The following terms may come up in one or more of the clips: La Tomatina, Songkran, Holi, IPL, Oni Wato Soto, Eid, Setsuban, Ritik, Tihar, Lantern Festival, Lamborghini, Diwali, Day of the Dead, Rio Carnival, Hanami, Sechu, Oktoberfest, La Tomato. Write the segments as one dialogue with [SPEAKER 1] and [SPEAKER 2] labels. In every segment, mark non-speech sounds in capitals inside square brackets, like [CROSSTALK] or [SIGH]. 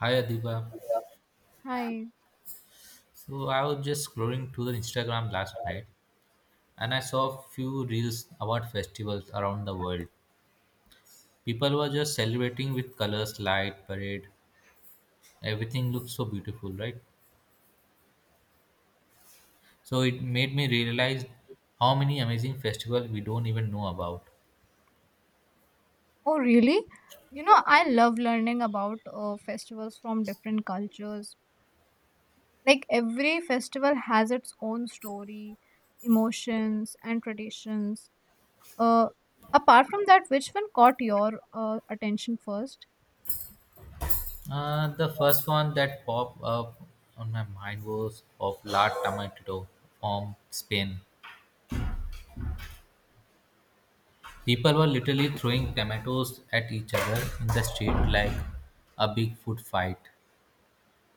[SPEAKER 1] Hi Adiba.
[SPEAKER 2] Hi.
[SPEAKER 1] So I was just scrolling through the Instagram last night and I saw a few reels about festivals around the world. People were just celebrating with colors, light, parade. Everything looks so beautiful, right? So it made me realize how many amazing festivals we don't even know about.
[SPEAKER 2] Oh, really? You know, I love learning about festivals from different cultures. Like every festival has its own story, emotions, and traditions. Uh, apart from that, which one caught your attention first?
[SPEAKER 1] The first one that popped up on my mind was of La Tomato from Spain. People were literally throwing tomatoes at each other in the street like a big food fight.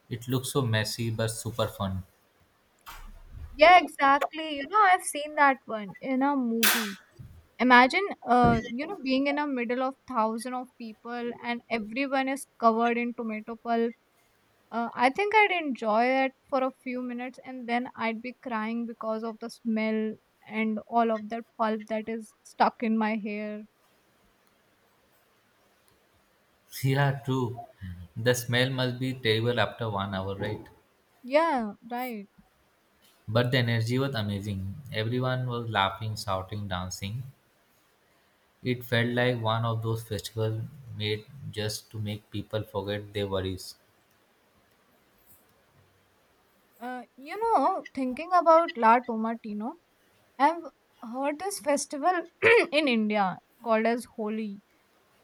[SPEAKER 1] It looked so messy but super fun.
[SPEAKER 2] Yeah, exactly. You know, I've seen that one in a movie. Imagine, you know, being in the middle of thousand of people and everyone is covered in tomato pulp. I think I'd enjoy it for a few minutes and then I'd be crying because of the smell and all of that pulp that is stuck in my hair.
[SPEAKER 1] [LAUGHS] Yeah, true. The smell must be terrible after one hour, right?
[SPEAKER 2] Yeah, right.
[SPEAKER 1] But the energy was amazing. Everyone was laughing, shouting, dancing. It felt like one of those festivals made just to make people forget their worries.
[SPEAKER 2] You know, thinking about La Tomatino, I've heard this festival [CLEARS THROAT] in India called as Holi.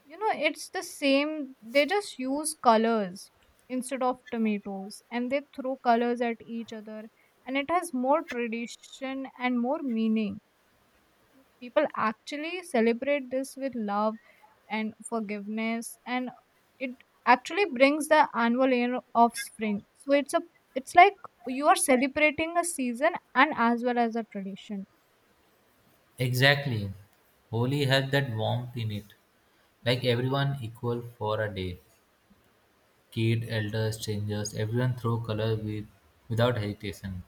[SPEAKER 2] You know, it's the same, they just use colors instead of tomatoes and they throw colors at each other, and it has more tradition and more meaning. People actually celebrate this with love and forgiveness, and it actually brings the annual year of spring. So it's like you are celebrating a season and as well as a tradition.
[SPEAKER 1] Exactly. Holi had that warmth in it, like everyone equal for a day. Kid, elders, strangers, everyone throw color with, without hesitation.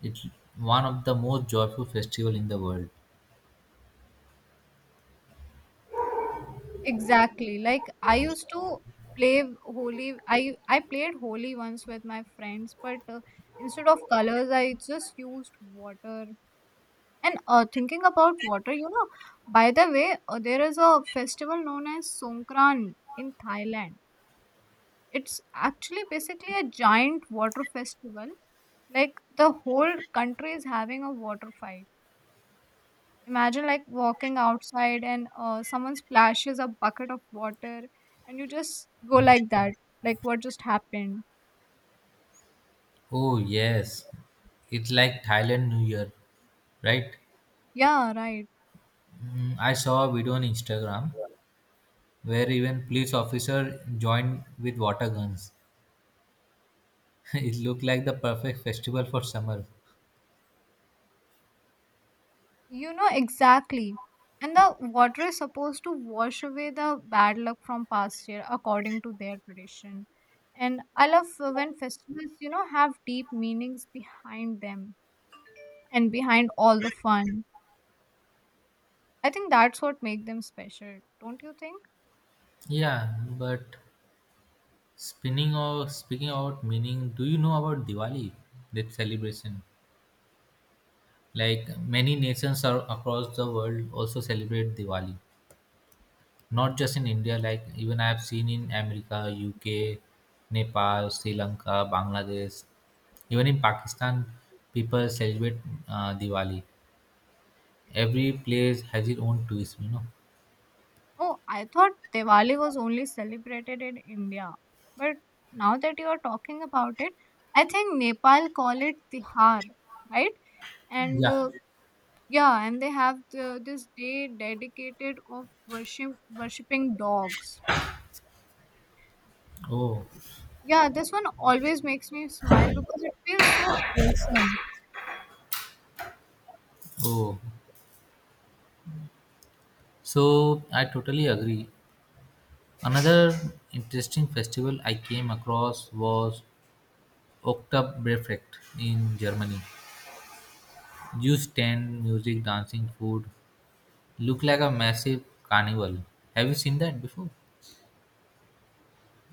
[SPEAKER 1] It's one of the most joyful festival in the world.
[SPEAKER 2] Exactly, like I used to play holy. I played holy once with my friends, but instead of colors I just used water. And thinking about water, you know, by the way, there is a festival known as Songkran in Thailand. It's actually basically a giant water festival. Like, the whole country is having a water fight. Imagine like walking outside and someone splashes a bucket of water and you just go like that. Like, what just happened?
[SPEAKER 1] Oh yes, it's like Thailand New Year, right?
[SPEAKER 2] Yeah, right.
[SPEAKER 1] I saw a video on Instagram where even police officer joined with water guns. [LAUGHS] It looked like the perfect festival for summer.
[SPEAKER 2] You know, exactly. And the water is supposed to wash away the bad luck from past year according to their tradition. And I love when festivals, you know, have deep meanings behind them and behind all the fun. I think that's what makes them special, don't you think?
[SPEAKER 1] Yeah, but spinning or speaking about meaning, do you know about Diwali, that celebration? Like many nations are across the world also celebrate Diwali. Not just in India, like even I have seen in America, UK, Nepal, Sri Lanka, Bangladesh, even in Pakistan, people celebrate Diwali. Every place has its own twist.
[SPEAKER 2] Oh, I thought Diwali was only celebrated in India. But now that you are talking about it, I think Nepal call it Tihar, right? And
[SPEAKER 1] Yeah.
[SPEAKER 2] Yeah, and they have the, this day dedicated of worship worshipping dogs.
[SPEAKER 1] Oh,
[SPEAKER 2] Yeah, this one always makes me smile because it feels so wholesome.
[SPEAKER 1] oh. So I totally agree. Another interesting festival I came across was Oktoberfest in Germany. Juice stand, music, dancing, food. Look like a massive carnival. Have you seen that before?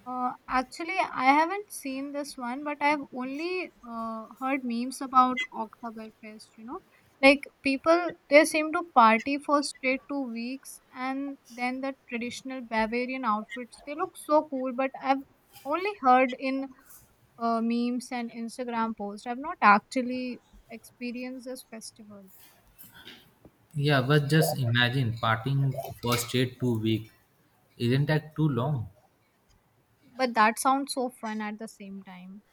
[SPEAKER 2] Actually, I haven't seen this one, but I've only heard memes about Oktoberfest, you know. Like, people, they seem to party for straight two weeks, and then the traditional Bavarian outfits, they look so cool, but I've only heard in memes and Instagram posts. I've not actually experienced this festival,
[SPEAKER 1] Yeah, but just imagine partying for straight 2 week. Isn't that too long?
[SPEAKER 2] but that sounds so fun at the same time.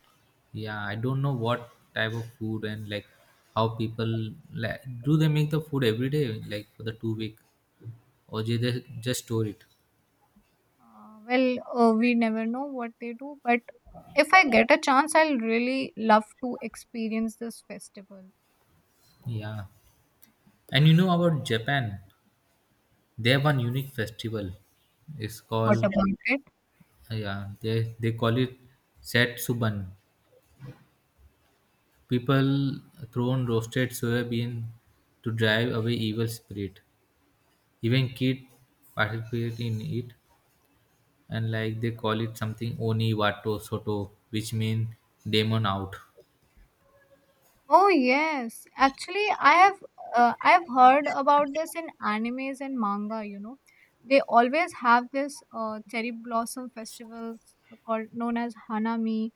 [SPEAKER 1] Yeah, I don't know what type of food and like how people like do they make the food every day like for the 2 week or do they just store it?
[SPEAKER 2] We never know what they do, but if I get a chance, I'll really love to experience this festival.
[SPEAKER 1] Yeah, and you know about Japan? They have one unique festival. It's
[SPEAKER 2] What
[SPEAKER 1] called.
[SPEAKER 2] about it?
[SPEAKER 1] Yeah, they call it Setsuban. People thrown roasted soybean to drive away evil spirit. Even kid participate in it, and like they call it something Oni Wato Soto, which means demon out.
[SPEAKER 2] Oh yes, actually, I have I've heard about this in animes and manga. You know, they always have this cherry blossom festivals called known as Hanami,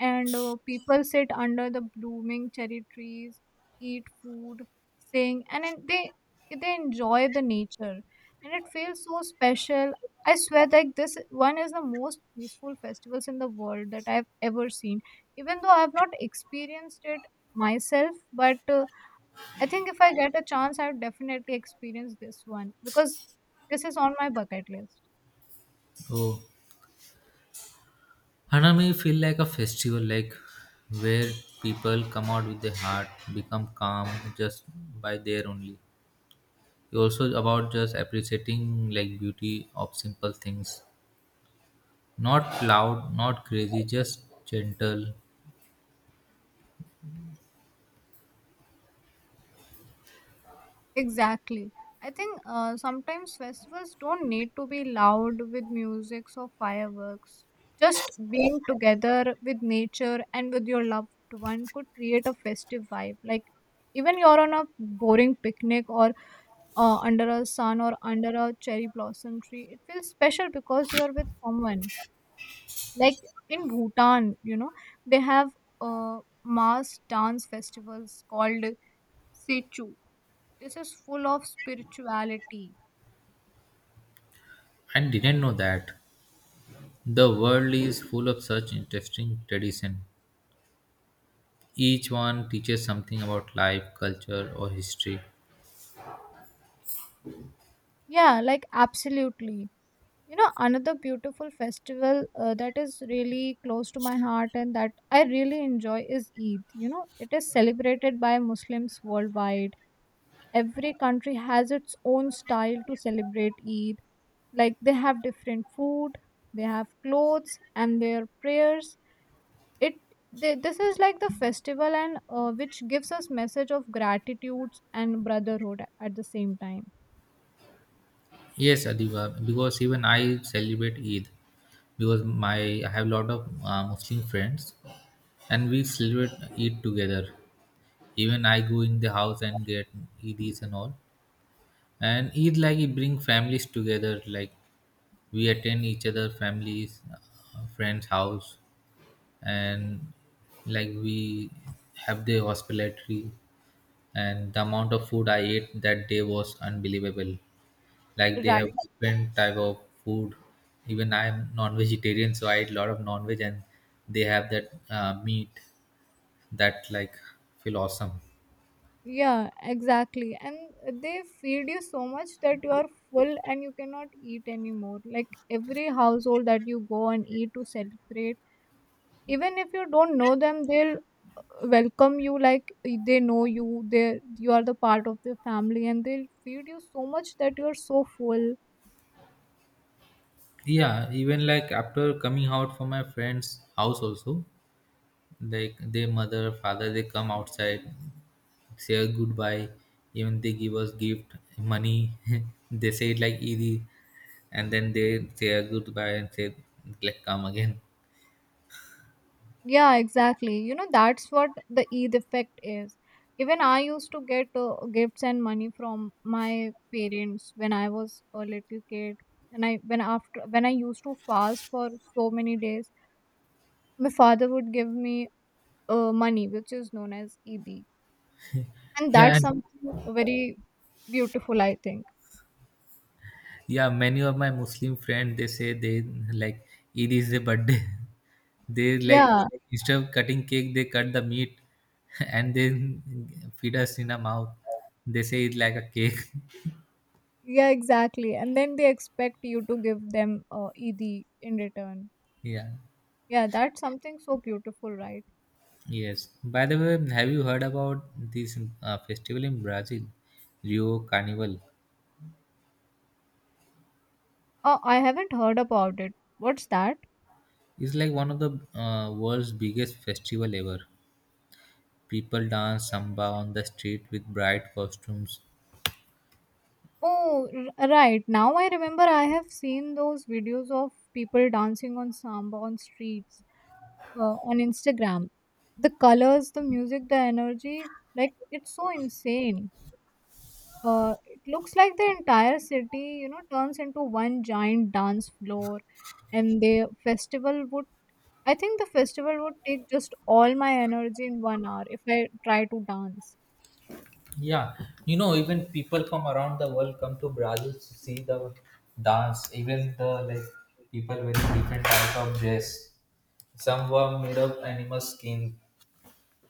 [SPEAKER 2] and people sit under the blooming cherry trees, eat food, sing, and then they enjoy the nature, and it feels so special. I swear, like, this one is the most peaceful festivals in the world that I've ever seen. Even though I've not experienced it myself, but I think if I get a chance, I would definitely experience this one because this is on my bucket list.
[SPEAKER 1] Oh, Hanami feel like a festival, like where people come out with their heart, become calm just by there only. It also about just appreciating like beauty of simple things, not loud, not crazy, just gentle.
[SPEAKER 2] Exactly. I think sometimes festivals don't need to be loud with music or fireworks. Just being together with nature and with your loved one could create a festive vibe. Like, even you're on a boring picnic or under a sun or under a cherry blossom tree, it feels special because you're with someone. Like, in Bhutan, you know, they have mass dance festivals called Sechu. This is full of spirituality.
[SPEAKER 1] I didn't know that. The world is full of such interesting tradition. Each one teaches something about life, culture, or history.
[SPEAKER 2] Yeah, like, absolutely. You know, another beautiful festival that is really close to my heart and that I really enjoy is Eid. You know, it is celebrated by Muslims worldwide. Every country has its own style to celebrate Eid. Like, they have different food, they have clothes, and their prayers. It this is like the festival, and which gives us message of gratitude and brotherhood at the same time.
[SPEAKER 1] Yes, Adiba, because even I celebrate Eid because my I have a lot of Muslim friends and we celebrate Eid together. Even I go in the house and get Eidis and all. And Eid like it bring families together. Like we attend each other families, friends house, and like we have the hospitality. And the amount of food I ate that day was unbelievable. Like they have
[SPEAKER 2] Right.
[SPEAKER 1] different type of food. Even I am non-vegetarian, so I eat a lot of non-veg, and they have that meat that like feel awesome.
[SPEAKER 2] Yeah, exactly. And they feed you so much that you are full and you cannot eat anymore. Like, every household that you go and eat to celebrate, even if you don't know them, they'll welcome you like eh, they know you. They You are the part of their family and they'll feed you so much that you're so full.
[SPEAKER 1] Yeah, even like after coming out from my friend's house also, like their mother father, they come outside, say a goodbye, even they give us gift money. [LAUGHS] They say it like easy, and then they say a goodbye and say like come again.
[SPEAKER 2] Yeah, exactly. You know, that's what the Eid effect is. Even I used to get gifts and money from my parents when I was a little kid. And I when after when I used to fast for so many days, my father would give me money, which is known as Eid.
[SPEAKER 1] [LAUGHS]
[SPEAKER 2] And
[SPEAKER 1] Yeah,
[SPEAKER 2] that's something very beautiful, I think.
[SPEAKER 1] yeah, many of my Muslim friends they say they, like, Eid is a birthday. [LAUGHS] They, like,
[SPEAKER 2] Yeah,
[SPEAKER 1] instead of cutting cake they cut the meat, [LAUGHS] and then feed us in our mouth. They say it's like a cake.
[SPEAKER 2] yeah, exactly. And then they expect you to give them Eid in return.
[SPEAKER 1] Yeah,
[SPEAKER 2] Yeah, that's something so beautiful, right?
[SPEAKER 1] yes. By the way, have you heard about this festival in Brazil, Rio Carnival?
[SPEAKER 2] Oh, I haven't heard about it. What's that?
[SPEAKER 1] It's like one of the world's biggest festival ever. People dance samba on the street with bright costumes.
[SPEAKER 2] Oh, right. Now I remember I have seen those videos of people dancing on samba on streets on Instagram. The colors, the music, the energy, like, it's so insane. It looks like the entire city, you know, turns into one giant dance floor, and the festival would. I think the festival would take just all my energy in one hour if I try to dance.
[SPEAKER 1] Yeah, you know, even people from around the world come to Brazil to see the dance. Even the like people wearing different type of dress. Some were made of animal skin,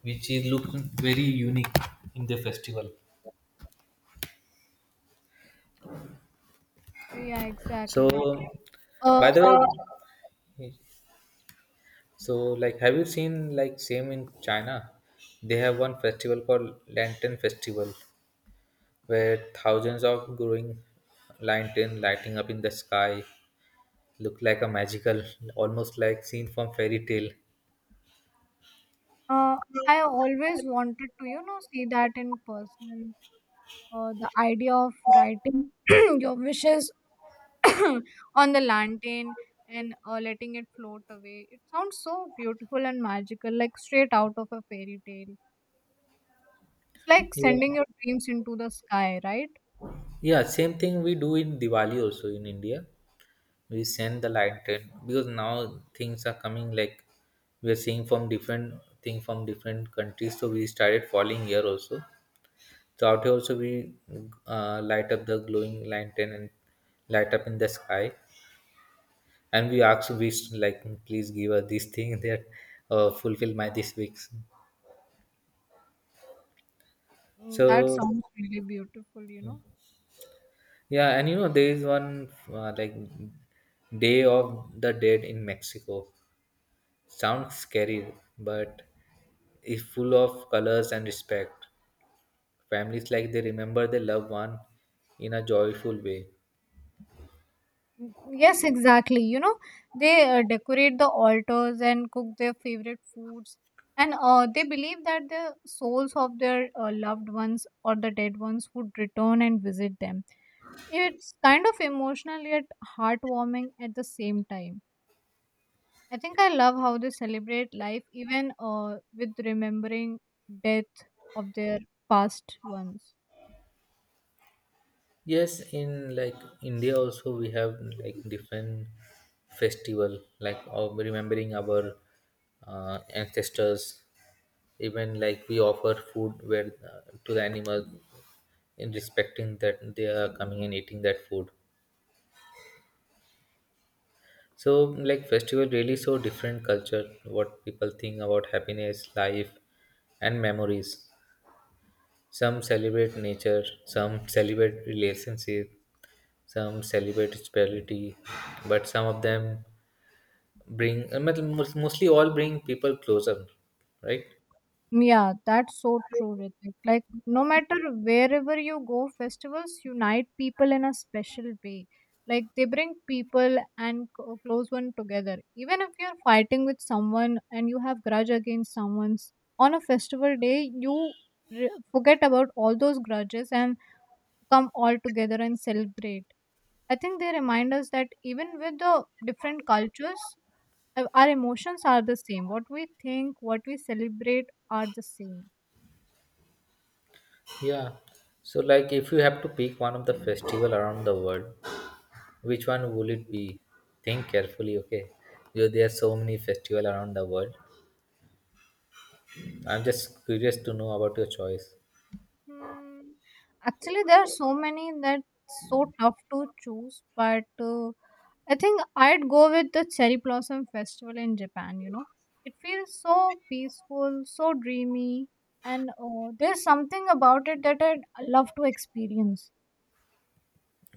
[SPEAKER 1] which is look very unique in the festival.
[SPEAKER 2] So, yeah,
[SPEAKER 1] So
[SPEAKER 2] exactly.
[SPEAKER 1] by
[SPEAKER 2] Uh,
[SPEAKER 1] the way, so like, have you seen like same in China? They have one festival called Lantern Festival, where thousands of growing lantern lighting up in the sky look like a magical, almost like scene from fairy tale.
[SPEAKER 2] Uh, I always wanted to, you know, see that in person. The idea of writing [CLEARS THROAT] your wishes [CLEARS THROAT] on the lantern and letting it float away. It sounds so beautiful and magical, like straight out of a fairy tale. It's like
[SPEAKER 1] Yeah,
[SPEAKER 2] sending your dreams into the sky, right?
[SPEAKER 1] yeah. Same thing we do in Diwali also in India. We send the lantern because now things are coming like we are seeing from different thing from different countries. So we started following here also. So out here also we light up the glowing lantern and light up in the sky, and we ask wish like please give us this thing [LAUGHS] that fulfill my this weeks.
[SPEAKER 2] Mm, that
[SPEAKER 1] So
[SPEAKER 2] sounds really beautiful, you know.
[SPEAKER 1] yeah, and you know there is one like Day of the Dead in Mexico. Sounds scary, but is full of colors and respect. Families like they remember their loved one in a joyful way.
[SPEAKER 2] Mm, yes, exactly. You know, they decorate the altars and cook their favorite foods. And they believe that the souls of their loved ones or the dead ones would return and visit them. It's kind of emotional yet heartwarming at the same time. I think I love how they celebrate life even with remembering death of their past ones.
[SPEAKER 1] Yes, in like India also we have like different festival like of remembering our ancestors. Even like we offer food where to the animals in respecting that they are coming and eating that food. So like festival really so different culture. What people think about happiness, life, and memories. Some celebrate nature, some celebrate relationship, some celebrate spirituality, but some of them bring, I mean, mostly all bring people closer, right?
[SPEAKER 2] Yeah, that's so true, Ritik. Like, no matter wherever you go, festivals unite people in a special way. Like, they bring people and close one together. Even if you're fighting with someone and you have grudge against someone's, on a festival day, you forget about all those grudges and come all together and celebrate. I think they remind us that even with the different cultures, our emotions are the same. What we think, what we celebrate are the same.
[SPEAKER 1] Yeah, so like if you have to pick one of the festival around the world, which one will it be? Think carefully, okay? Because there are so many festival around the world, I'm just curious to know about your choice.
[SPEAKER 2] Hmm. Actually, there are so many that's so tough to choose, but I think I'd go with the Cherry Blossom Festival in Japan, you know. It feels so peaceful, so dreamy, and there's something about it that I'd love to experience.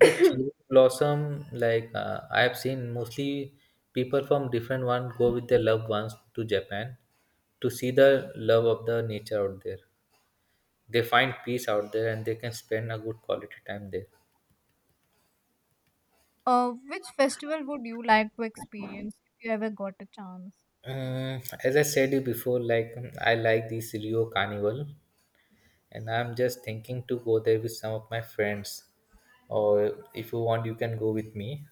[SPEAKER 1] Yeah, cherry blossom, like I have seen mostly people from different one go with their loved ones to Japan to see the love of the nature out there. They find peace out there and they can spend a good quality time there.
[SPEAKER 2] Which festival would you like to experience if you ever got a chance?
[SPEAKER 1] As I said you before, like I like this Rio Carnival, and I'm just thinking to go there with some of my friends. Or if you want, you can go with me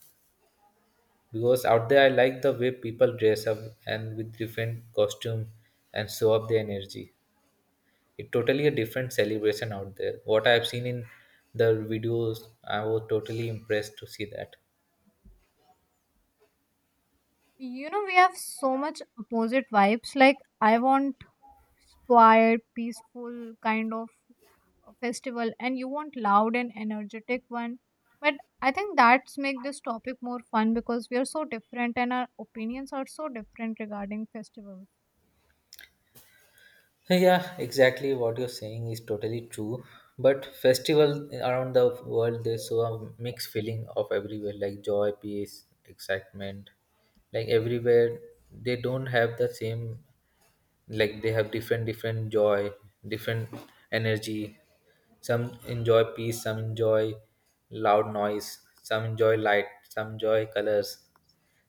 [SPEAKER 1] because out there I like the way people dress up and with different costume and show up their energy. It's totally a different celebration out there. What I've seen in the videos, I was totally impressed to see that.
[SPEAKER 2] You know, we have so much opposite vibes. Like, I want quiet, peaceful kind of festival, and you want loud and energetic one. But I think that's make this topic more fun because we are so different and our opinions are so different regarding festivals.
[SPEAKER 1] Yeah, exactly what you're saying is totally true. But festival around the world, there's so a mixed feeling of everywhere, like joy, peace, excitement. Like everywhere, they don't have the same. Like they have different, different joy, different energy. Some enjoy peace, some enjoy loud noise, some enjoy light, some enjoy colors,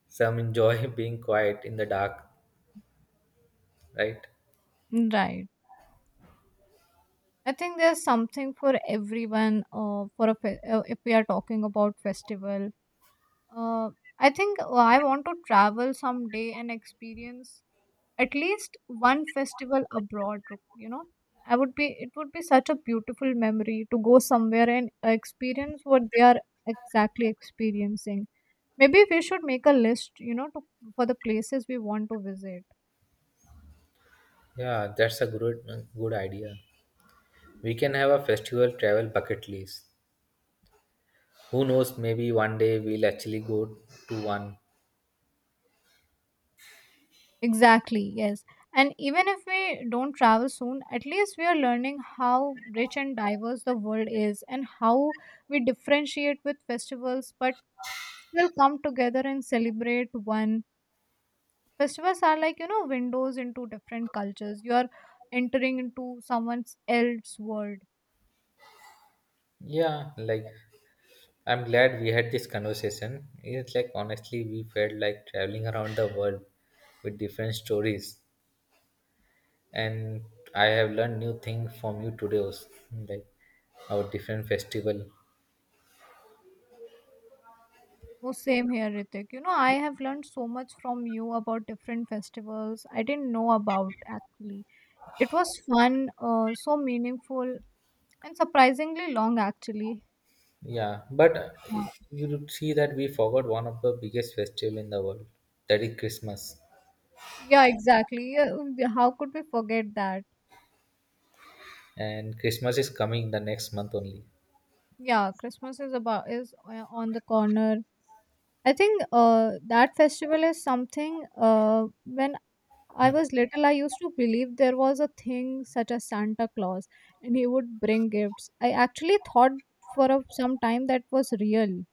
[SPEAKER 1] some enjoy [LAUGHS] being quiet in the dark. Right?
[SPEAKER 2] Right. I think there's something for everyone. If we are talking about festival, uh, I think I want to travel someday and experience at least one festival abroad, you know. I would be it would be such a beautiful memory to go somewhere and experience what they are exactly experiencing. Maybe we should make a list, you know, for the places we want to visit.
[SPEAKER 1] Yeah, that's a good, good idea. We can have a festival travel bucket list. Who knows, maybe one day we'll actually go to one.
[SPEAKER 2] Exactly, yes. And even if we don't travel soon, at least we are learning how rich and diverse the world is, and how we differentiate with festivals but still come together and celebrate one. Festivals are like, you know, windows into different cultures. You are entering into someone's else world.
[SPEAKER 1] Yeah, like I'm glad we had this conversation. It's like honestly, we felt like traveling around the world with different stories, and I have learned new things from you today, also, like our different festival.
[SPEAKER 2] Oh, same here, Ritik. You know, I have learned so much from you about different festivals I didn't know about actually. It was fun, so meaningful, and surprisingly long actually.
[SPEAKER 1] Yeah, but
[SPEAKER 2] Yeah,
[SPEAKER 1] you would see that we forgot one of the biggest festival in the world, that is Christmas,
[SPEAKER 2] yeah, exactly. Yeah, how could we forget that?
[SPEAKER 1] and Christmas is coming the next month only.
[SPEAKER 2] Yeah, Christmas is on the corner. I think that festival is something when I was little, I used to believe there was a thing such as Santa Claus and he would bring gifts. I actually thought for a, some time that was real.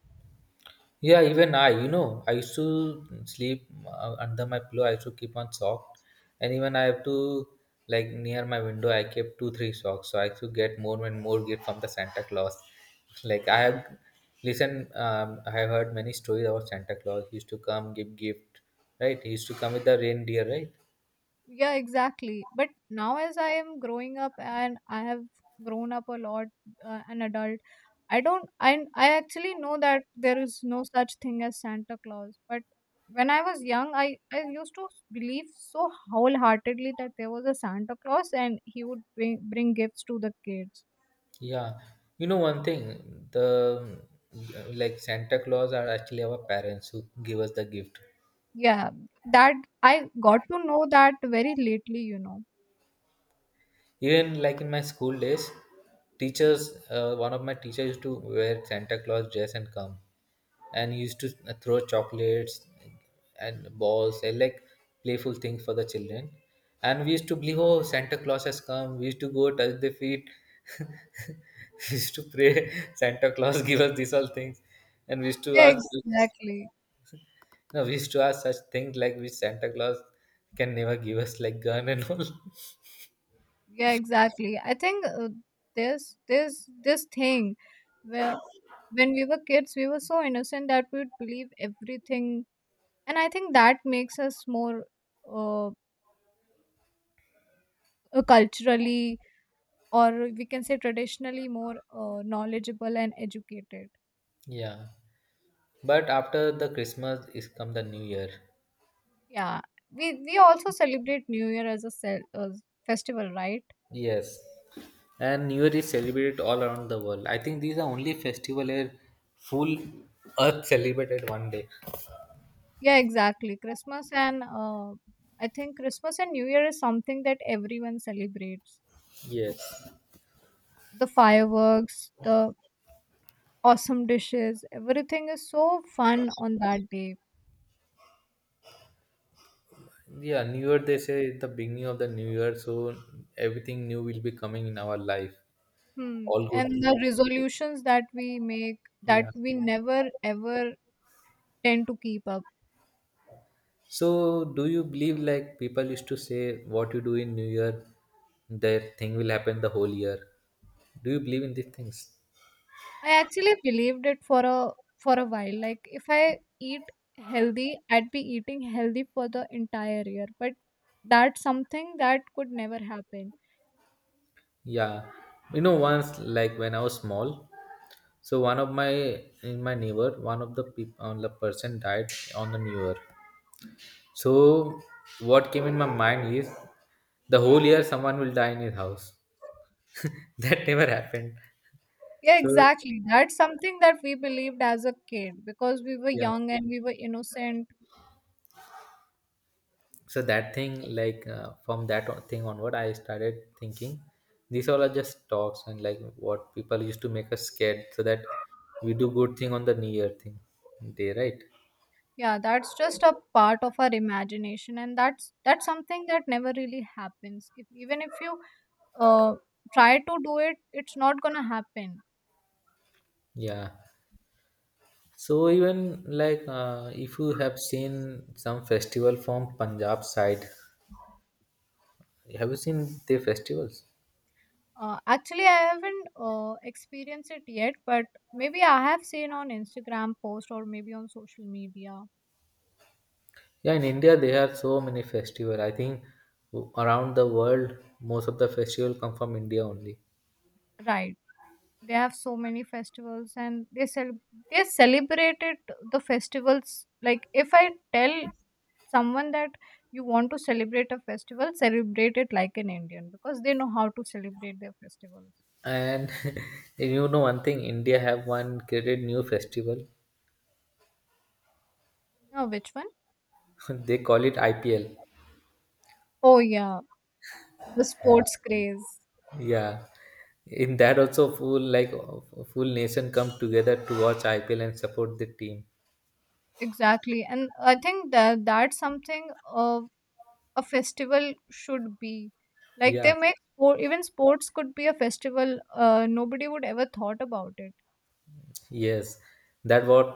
[SPEAKER 1] Yeah, even I used to sleep under my pillow. I used to keep one sock, and even I have to like near my window. I kept two, three socks, so I used to get more and more gift from the Santa Claus. Like I have listen, I have heard many stories about Santa Claus. He used to come give gift, right? He used to come with the reindeer, right?
[SPEAKER 2] Yeah, exactly. But now, as I am growing up and I have grown up a lot, an adult, I don't, I actually know that there is no such thing as Santa Claus. But when I was young, I used to believe so wholeheartedly that there was a Santa Claus and he would bring gifts to the kids.
[SPEAKER 1] Yeah, you know one thing, the like Santa Claus are actually our parents who give us the gift.
[SPEAKER 2] Yeah, that I got to know that very lately, you know.
[SPEAKER 1] Even like in my school days, teachers, one of my teachers used to wear Santa Claus dress and come, and he used to throw chocolates and balls and like playful things for the children. And we used to believe, oh, Santa Claus has come. We used to go touch the feet. [LAUGHS] We used to pray, [LAUGHS] Santa Claus give us these all things. And we used to
[SPEAKER 2] Yeah,
[SPEAKER 1] ask,
[SPEAKER 2] exactly.
[SPEAKER 1] no, we used to ask such things like which Santa Claus can never give us, like gun and all. [LAUGHS]
[SPEAKER 2] Yeah, exactly. I think this thing where when we were kids, we were so innocent that we would believe everything, and I think that makes us more uh, culturally, or we can say traditionally, more knowledgeable and educated.
[SPEAKER 1] Yeah. But after the Christmas is come the New Year.
[SPEAKER 2] Yeah, we also celebrate New Year as a festival, right?
[SPEAKER 1] Yes. And New Year is celebrated all around the world. I think these are only festival where full earth celebrated one day.
[SPEAKER 2] Yeah, exactly. Christmas and I think Christmas and New Year is something that everyone celebrates.
[SPEAKER 1] Yes.
[SPEAKER 2] The fireworks, the awesome dishes, everything is so fun on that day.
[SPEAKER 1] Yeah, New Year they say is the beginning of the new year, so everything new will be coming in our life.
[SPEAKER 2] Hmm.
[SPEAKER 1] All
[SPEAKER 2] And
[SPEAKER 1] good things.
[SPEAKER 2] the resolutions that we make that
[SPEAKER 1] Yeah.
[SPEAKER 2] we never ever tend to keep up.
[SPEAKER 1] So do you believe like people used to say what you do in New Year, that thing will happen the whole year? Do you believe in these things?
[SPEAKER 2] I actually believed it for a while. Like, if I eat healthy, I'd be eating healthy for the entire year. But that's something that could never happen.
[SPEAKER 1] Yeah, you know, once like when I was small, so one of my in my neighbor, one of the people, on the person died on the New Year. So what came in my mind is the whole year someone will die in his house. [LAUGHS] That never happened.
[SPEAKER 2] Yeah,
[SPEAKER 1] So
[SPEAKER 2] exactly. That's something that we believed as a kid because we were
[SPEAKER 1] yeah,
[SPEAKER 2] young and we were innocent.
[SPEAKER 1] so that thing like from that thing onward, I started thinking these all are just talks and like what people used to make us scared so that we do good thing on the New Year thing day, right?
[SPEAKER 2] Yeah, that's just a part of our imagination, and that's something that never really happens. If, even if you uh, try to do it, it's not gonna happen.
[SPEAKER 1] Yeah. So even like if you have seen some festival from Punjab side, have you seen their festivals?
[SPEAKER 2] Actually, I haven't experienced it yet, but maybe I have seen on Instagram post or maybe on social media.
[SPEAKER 1] Yeah, in India there are so many festival. I think around the world most of the festival come from India only.
[SPEAKER 2] Right. They have so many festivals, and they celebrated the festivals. Like, if I tell someone that you want to celebrate a festival, celebrate it like an Indian, because they know how to celebrate their festivals.
[SPEAKER 1] And [LAUGHS] you know one thing, India have one created new festival.
[SPEAKER 2] Oh, which one?
[SPEAKER 1] [LAUGHS] They call it IPL.
[SPEAKER 2] Oh yeah, the sports craze.
[SPEAKER 1] Yeah, in that also full like full nation come together to watch IPL and support the team.
[SPEAKER 2] Exactly, and I think that that's something uh, a festival should be. Like, they
[SPEAKER 1] Yeah,
[SPEAKER 2] make sport. Even sports could be a festival. Nobody would ever thought about it.
[SPEAKER 1] yes, that what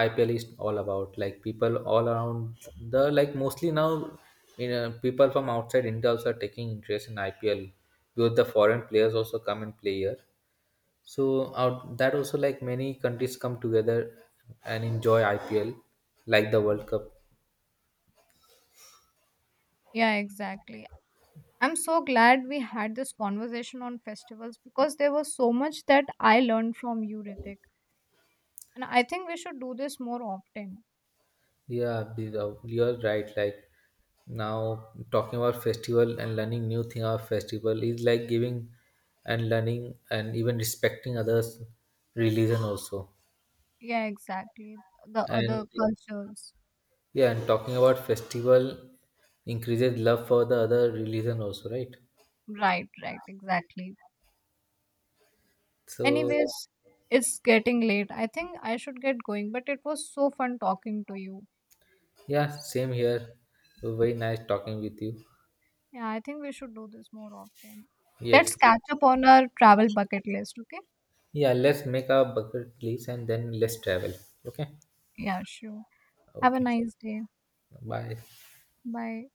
[SPEAKER 1] IPL is all about. Like people all around the like mostly now, you know, people from outside India also are taking interest in IPL because the foreign players also come and play here. So out that also like many countries come together and enjoy IPL, like the World Cup.
[SPEAKER 2] Yeah, exactly. I'm so glad we had this conversation on festivals because there was so much that I learned from you, Ritik. And I think we should do this more often.
[SPEAKER 1] Yeah, you're right. Like now, talking about festival and learning new thing about festival is like giving and learning and even respecting others' religion also.
[SPEAKER 2] Yeah, exactly. The
[SPEAKER 1] And
[SPEAKER 2] other, yeah, cultures.
[SPEAKER 1] yeah, and talking about festival increases love for the other religion also, right?
[SPEAKER 2] Right, right, exactly.
[SPEAKER 1] So
[SPEAKER 2] Anyways, it's getting late. I think I should get going, but it was so fun talking to you.
[SPEAKER 1] yeah, same here. Very nice talking with you.
[SPEAKER 2] Yeah, I think we should do this more often. Let's
[SPEAKER 1] Yes.
[SPEAKER 2] catch up on our travel bucket list, okay?
[SPEAKER 1] Yeah, let's make our bucket list and then let's travel. Okay.
[SPEAKER 2] Yeah, sure. Have a
[SPEAKER 1] Okay.
[SPEAKER 2] nice day.
[SPEAKER 1] Bye.
[SPEAKER 2] Bye.